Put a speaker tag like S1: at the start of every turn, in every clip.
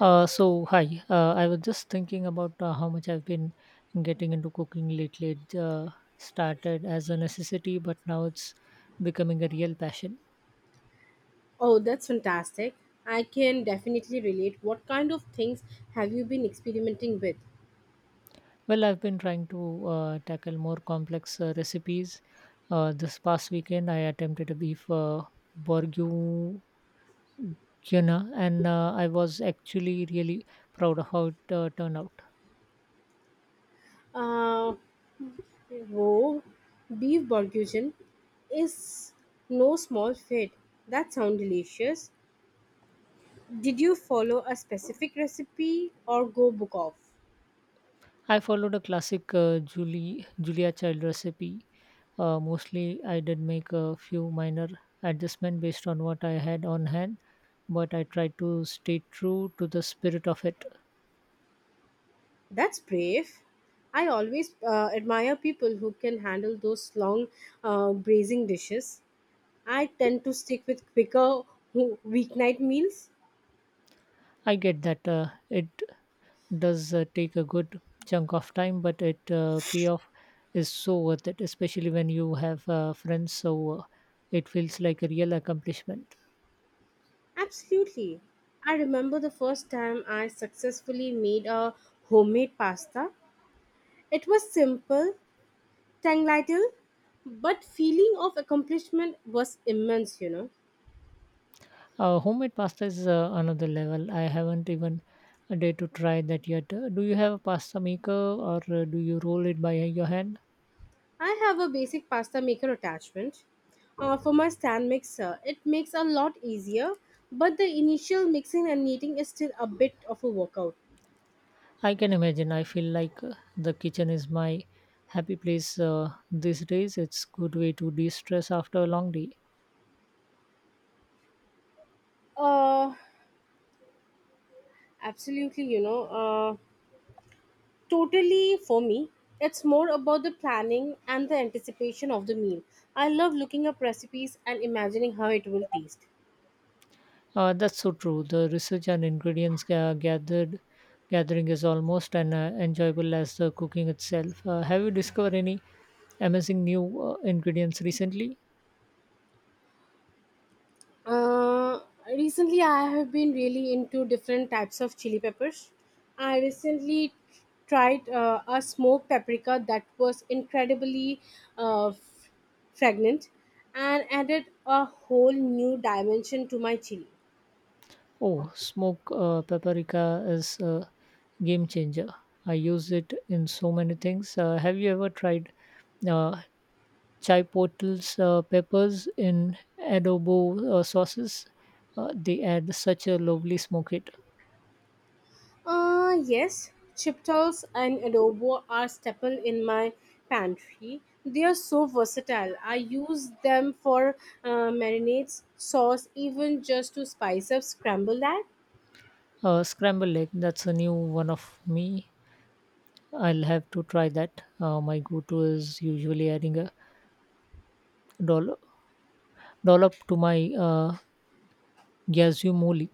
S1: So hi, I was just thinking about how much I've been getting into cooking lately. It started as a necessity, but now it's becoming a real passion.
S2: Oh, that's fantastic. I can definitely relate. What kind of things have you been experimenting with?
S1: Well, I've been trying to tackle more complex recipes. This past weekend, I attempted a beef bourguignon, and I was actually really proud of how it turned out.
S2: Uh, whoa, beef bourguignon is no small feat. That sounds delicious. Did you follow a specific recipe or go book off?
S1: I followed a classic Julie Julia Child recipe. Mostly, I did make a few minor adjustments based on what I had on hand, but I tried to stay true to the spirit of it.
S2: That's brave. I always admire people who can handle those long braising dishes. I tend to stick with quicker weeknight meals.
S1: I get that it does take a good chunk of time, but it payoff is so worth it, especially when you have friends. So it feels like a real accomplishment.
S2: Absolutely. I remember the first time I successfully made a homemade pasta. It was simple, tongue little, but feeling of accomplishment was immense, you know.
S1: Homemade pasta is another level. I haven't even a day to try that yet. Do you have a pasta maker or do you roll it by your hand?
S2: I have a basic pasta maker attachment for my stand mixer. It makes a lot easier, but the initial mixing and kneading is still a bit of a workout.
S1: I can imagine. I feel like the kitchen is my happy place these days. It's good way to de-stress after a long day.
S2: Uh Absolutely, you know. Totally, for me, it's more about the planning and the anticipation of the meal. I love looking up recipes and imagining how it will taste.
S1: That's so true. The research and ingredients ga- gathered gathering is almost as enjoyable as the cooking itself. Have you discovered any amazing new ingredients recently?
S2: Uh, Recently, I have been really into different types of chili peppers. I recently tried a smoked paprika that was incredibly uh, f- fragrant and added a whole new dimension to my chili.
S1: Oh, smoke paprika is a game changer. I use it in so many things. Have you ever tried uh, chipotle's peppers in adobo sauces? They add such a lovely smoke hit.
S2: Yes, chiptals and adobo are staple in my pantry. They are so versatile. I use them for marinades, sauce, even just to spice up scrambled egg.
S1: Scrambled egg, that's a new one of me. I'll have to try that. My go-to is usually adding a dollop, dollop to my gazumoli.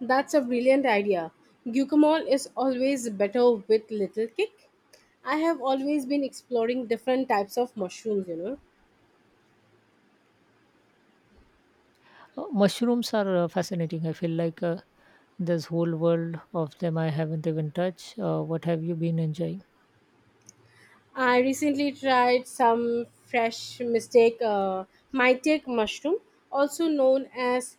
S2: That's a brilliant idea. Guacamole is always better with little kick. I have always been exploring different types of mushrooms, you know.
S1: Mushrooms are fascinating. I feel like there's whole world of them I haven't even touched. What have you been enjoying?
S2: I recently tried some fresh mistake mytec mushroom, also known as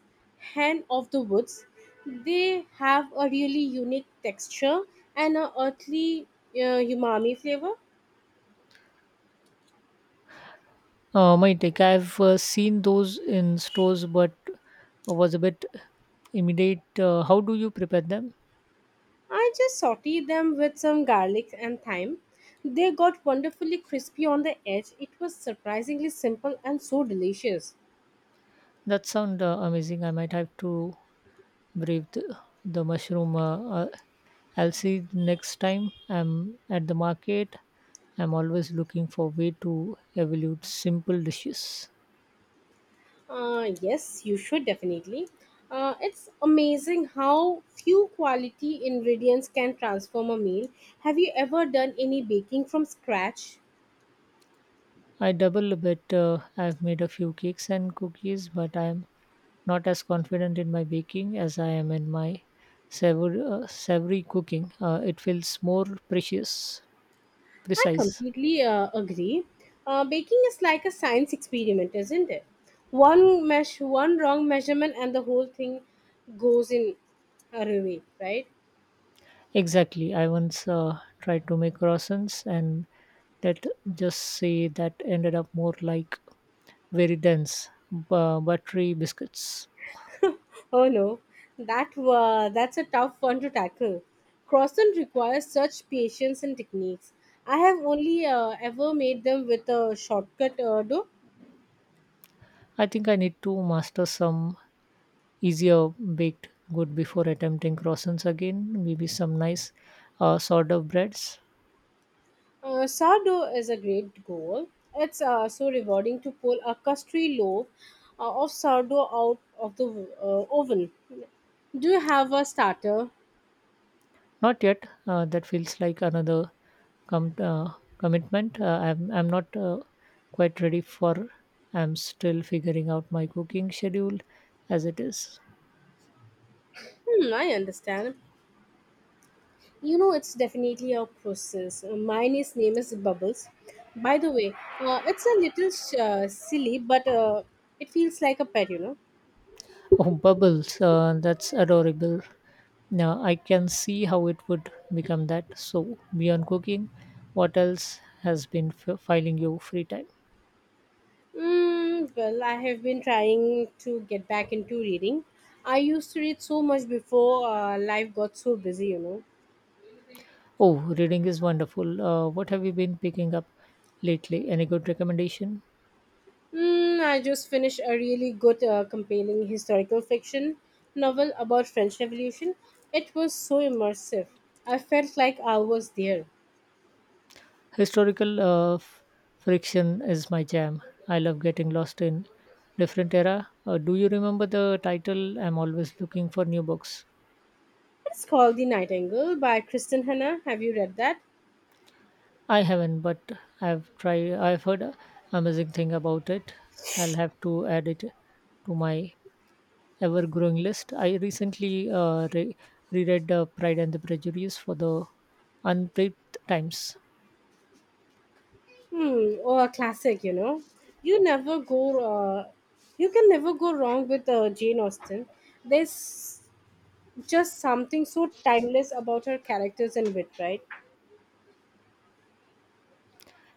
S2: hen of the woods. They have a really unique texture and a earthly umami flavor.
S1: My take. I've seen those in stores, but was a bit immediate. How do you prepare them?
S2: I just sauteed them with some garlic and thyme. They got wonderfully crispy on the edge. It was surprisingly simple and so delicious.
S1: That sound amazing. I might have to brave the mushroom. I'll see next time I'm at the market. I'm always looking for way to evolve simple dishes.
S2: Yes, you should definitely. It's amazing how few quality ingredients can transform a meal. Have you ever done any baking from scratch?
S1: I double a bit. I've made a few cakes and cookies, but I'm not as confident in my baking as I am in my savory cooking. It feels more
S2: I
S1: precise.
S2: completely agree. Baking is like a science experiment, isn't it? One mesh, one wrong measurement, and the whole thing goes in a ruin, right?
S1: Exactly. I once tried to make croissants, and let just say that ended up more like very dense, buttery biscuits.
S2: Oh no, that's a tough one to tackle. Croissant requires such patience and techniques. I have only ever made them with a shortcut dough.
S1: I think I need to master some easier baked good before attempting croissants again. Maybe some nice sort of breads.
S2: Sourdough is a great goal. It's so rewarding to pull a custardy loaf of sourdough out of the oven. Do you have a starter?
S1: Not yet. That feels like another com- uh, commitment. I'm not quite ready for. I'm still figuring out my cooking schedule as it is.
S2: Hmm, I understand. You know, it's definitely a process. Mine is name is Bubbles. By the way, it's a little silly, but it feels like a pet, you know.
S1: Oh, bubbles! That's adorable. Now I can see how it would become that. So beyond cooking, what else has been filing your free time?
S2: Mm, well, I have been trying to get back into reading. I used to read so much before life got so busy, you know.
S1: Oh, reading is wonderful. What have you been picking up lately? Any good recommendation?
S2: Mm, I just finished a really good, compelling historical fiction novel about French Revolution. It was so immersive. I felt like I was there.
S1: Historical friction is my jam. I love getting lost in different era. Do you remember the title? I'm always looking for new books.
S2: It's called The Nightingale by Kristen Hanna. Have you read that?
S1: I haven't, but I've tried. I've heard amazing thing about it. I'll have to add it to my ever-growing list. I recently reread *Pride and the Prejudice* for the unpaid times.
S2: Hmm, oh, a classic, you know. You never go. You can never go wrong with Jane Austen. There's just something so timeless about her characters and wit, right?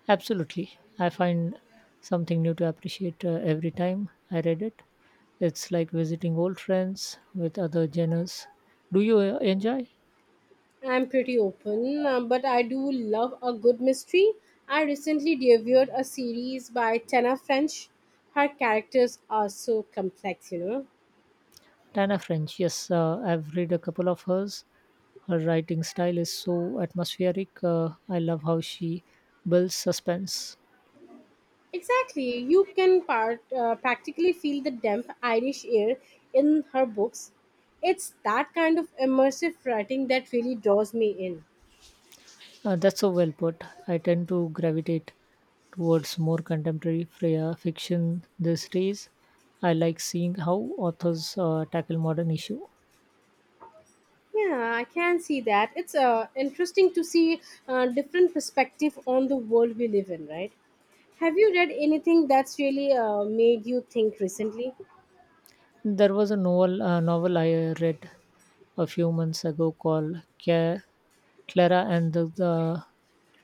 S1: Absolutely. I find something new to appreciate every time I read it. It's like visiting old friends with other genres. Do you enjoy
S2: I'm pretty open, but I do love a good mystery. I recently devoured a series by Tana French. Her characters are so complex, you know.
S1: Tana French? Yes, I've read a couple of hers. Her writing style is so atmospheric. I love how she builds suspense.
S2: Exactly. You can practically feel the damp Irish air in her books. It's that kind of immersive writing that really draws me in.
S1: That's so well put. I tend to gravitate towards more contemporary Freya fiction these days. I like seeing how authors tackle modern issue.
S2: Yeah, I can see that. It's interesting to see different perspective on the world we live in, right? Have you read anything that's really made you think recently?
S1: There was a novel I read a few months ago called Clara and the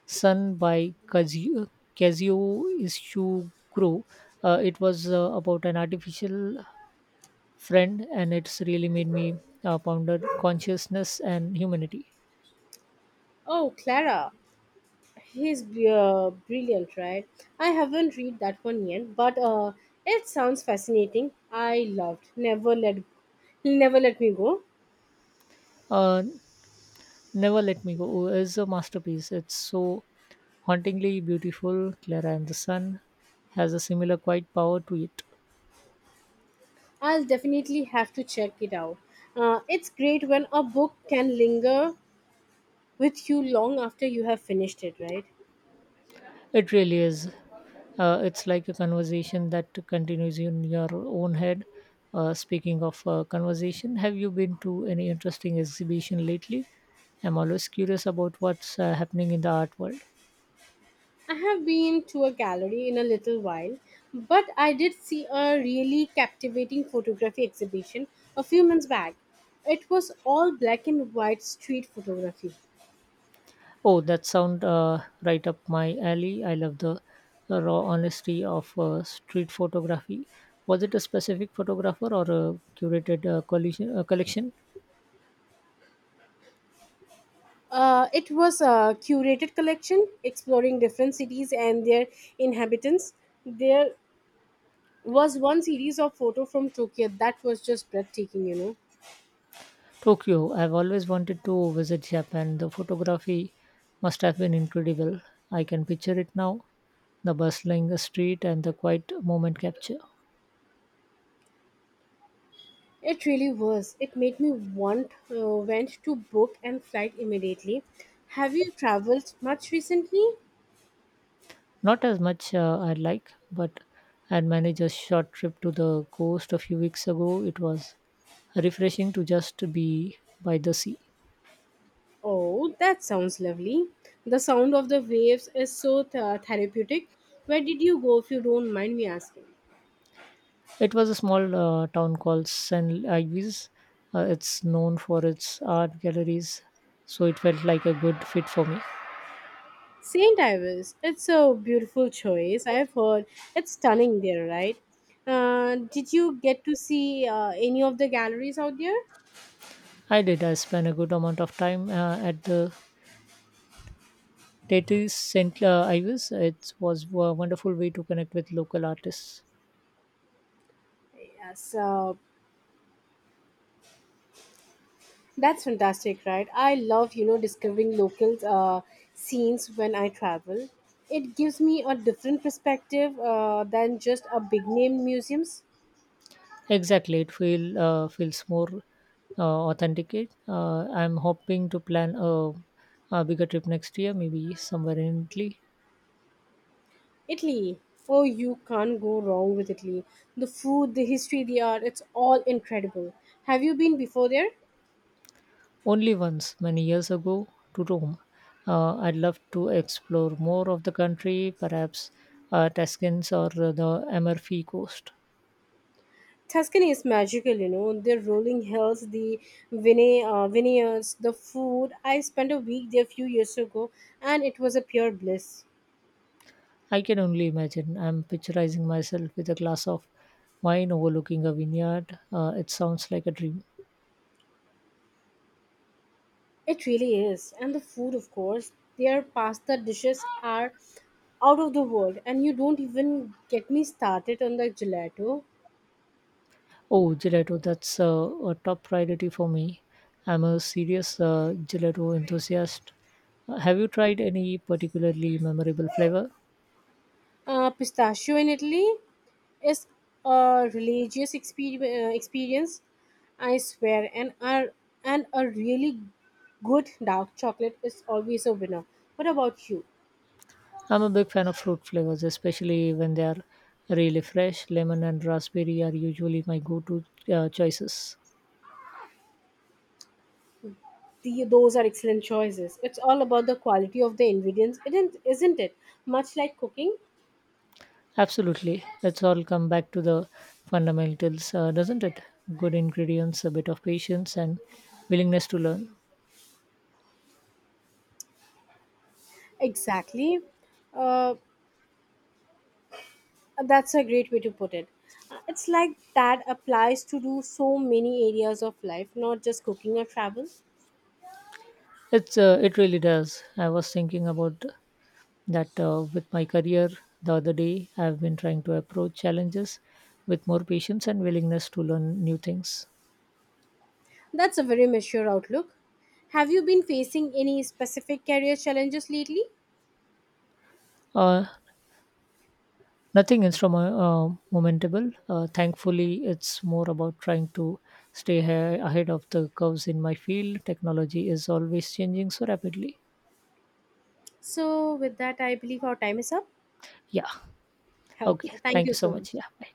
S1: Sun by Kazuo Ishiguro. It was about an artificial friend, and it's really made me ponder consciousness and humanity.
S2: Oh, Clara, brilliant, right? I haven't read that one yet, but it sounds fascinating. I loved. Never let he'll never let me go.
S1: Uh, Never Let Me Go is a masterpiece. It's so hauntingly beautiful. Clara and the Sun has a similar quiet power to it.
S2: I'll definitely have to check it out. It's great when a book can linger with you long after you have finished it, right?
S1: It really is. It's like a conversation that continues in your own head. Speaking of conversation, have you been to any interesting exhibition lately? I'm always curious about what's happening in the art world.
S2: I have been to a gallery in a little while, but I did see a really captivating photography exhibition a few months back. It was all black and white street photography.
S1: Oh, that sound right up my alley. I love the raw honesty of street photography. Was it a specific photographer or a curated collection?
S2: It was a curated collection exploring different cities and their inhabitants. There was one series of photo from Tokyo that was just breathtaking, you know.
S1: Tokyo, I've always wanted to visit Japan. The photography must have been incredible. I can picture it now the bustling street and the quiet moment capture.
S2: It really was. It made me want went to book and flight immediately. Have you traveled much recently?
S1: Not as much I like, but I had managed a short trip to the coast a few weeks ago. It was refreshing to just be by the sea.
S2: Oh, that sounds lovely. The sound of the waves is so therapeutic. Where did you go if you don't mind me asking?
S1: It was a small town called San Luis. It's known for its art galleries, so it felt like a good fit for me.
S2: St. Ives, it's a beautiful choice. I've heard it's stunning there, right? Did you get to see any of the galleries out there?
S1: I did. I spent a good amount of time at the Tate St. Ives. It was a wonderful way to connect with local artists.
S2: Yes, that's fantastic, right? I love, you know, discovering local scenes when I travel. It gives me a different perspective than just a big name museums.
S1: Exactly, it feels more authenticate. I'm hoping to plan a bigger trip next year, maybe somewhere in Italy.
S2: Italy, oh, you can't go wrong with Italy. The food, the history, the art, it's all incredible. Have you been before there?
S1: Only once, many years ago, to Rome. I'd love to explore more of the country, perhaps Tuscans or the Amalfi Coast.
S2: Tuscany is magical, you know. The rolling hills, the vineyards, the food. I spent a week there a few years ago and it was a pure bliss.
S1: I can only imagine. I'm picturizing myself with a glass of wine overlooking a vineyard. It sounds like a dream.
S2: It really is. And the food, of course. Their pasta dishes are out of the world. And you don't even get me started on the gelato.
S1: Oh, gelato, that's a top priority for me. I'm a serious gelato enthusiast. Have you tried any particularly memorable flavor?
S2: Pistachio in Italy is a religious experience, I swear, and a really good dark chocolate is always a winner. What about you?
S1: I'm a big fan of fruit flavors, especially when they are really fresh. Lemon and raspberry are usually my go to choices.
S2: Those are excellent choices. It's all about the quality of the ingredients, isn't it? Much like cooking.
S1: Absolutely. Let's all come back to the fundamentals, doesn't it? Good ingredients, a bit of patience, and willingness to learn.
S2: Exactly. Uh, that's a great way to put it. It's like that applies to do so many areas of life, not just cooking or travel.
S1: It's it really does. I was thinking about that with my career the other day. I've been trying to approach challenges with more patience and willingness to learn new things.
S2: That's a very mature outlook. Have you been facing any specific career challenges lately?
S1: Uh, Nothing momentable. Thankfully, it's more about trying to stay ahead of the curves in my field. Technology is always changing so rapidly.
S2: So, with that, I believe our time is up.
S1: Yeah. Okay.
S2: Okay, thank
S1: Thank
S2: you
S1: you so
S2: so much.
S1: much. Yeah. Bye.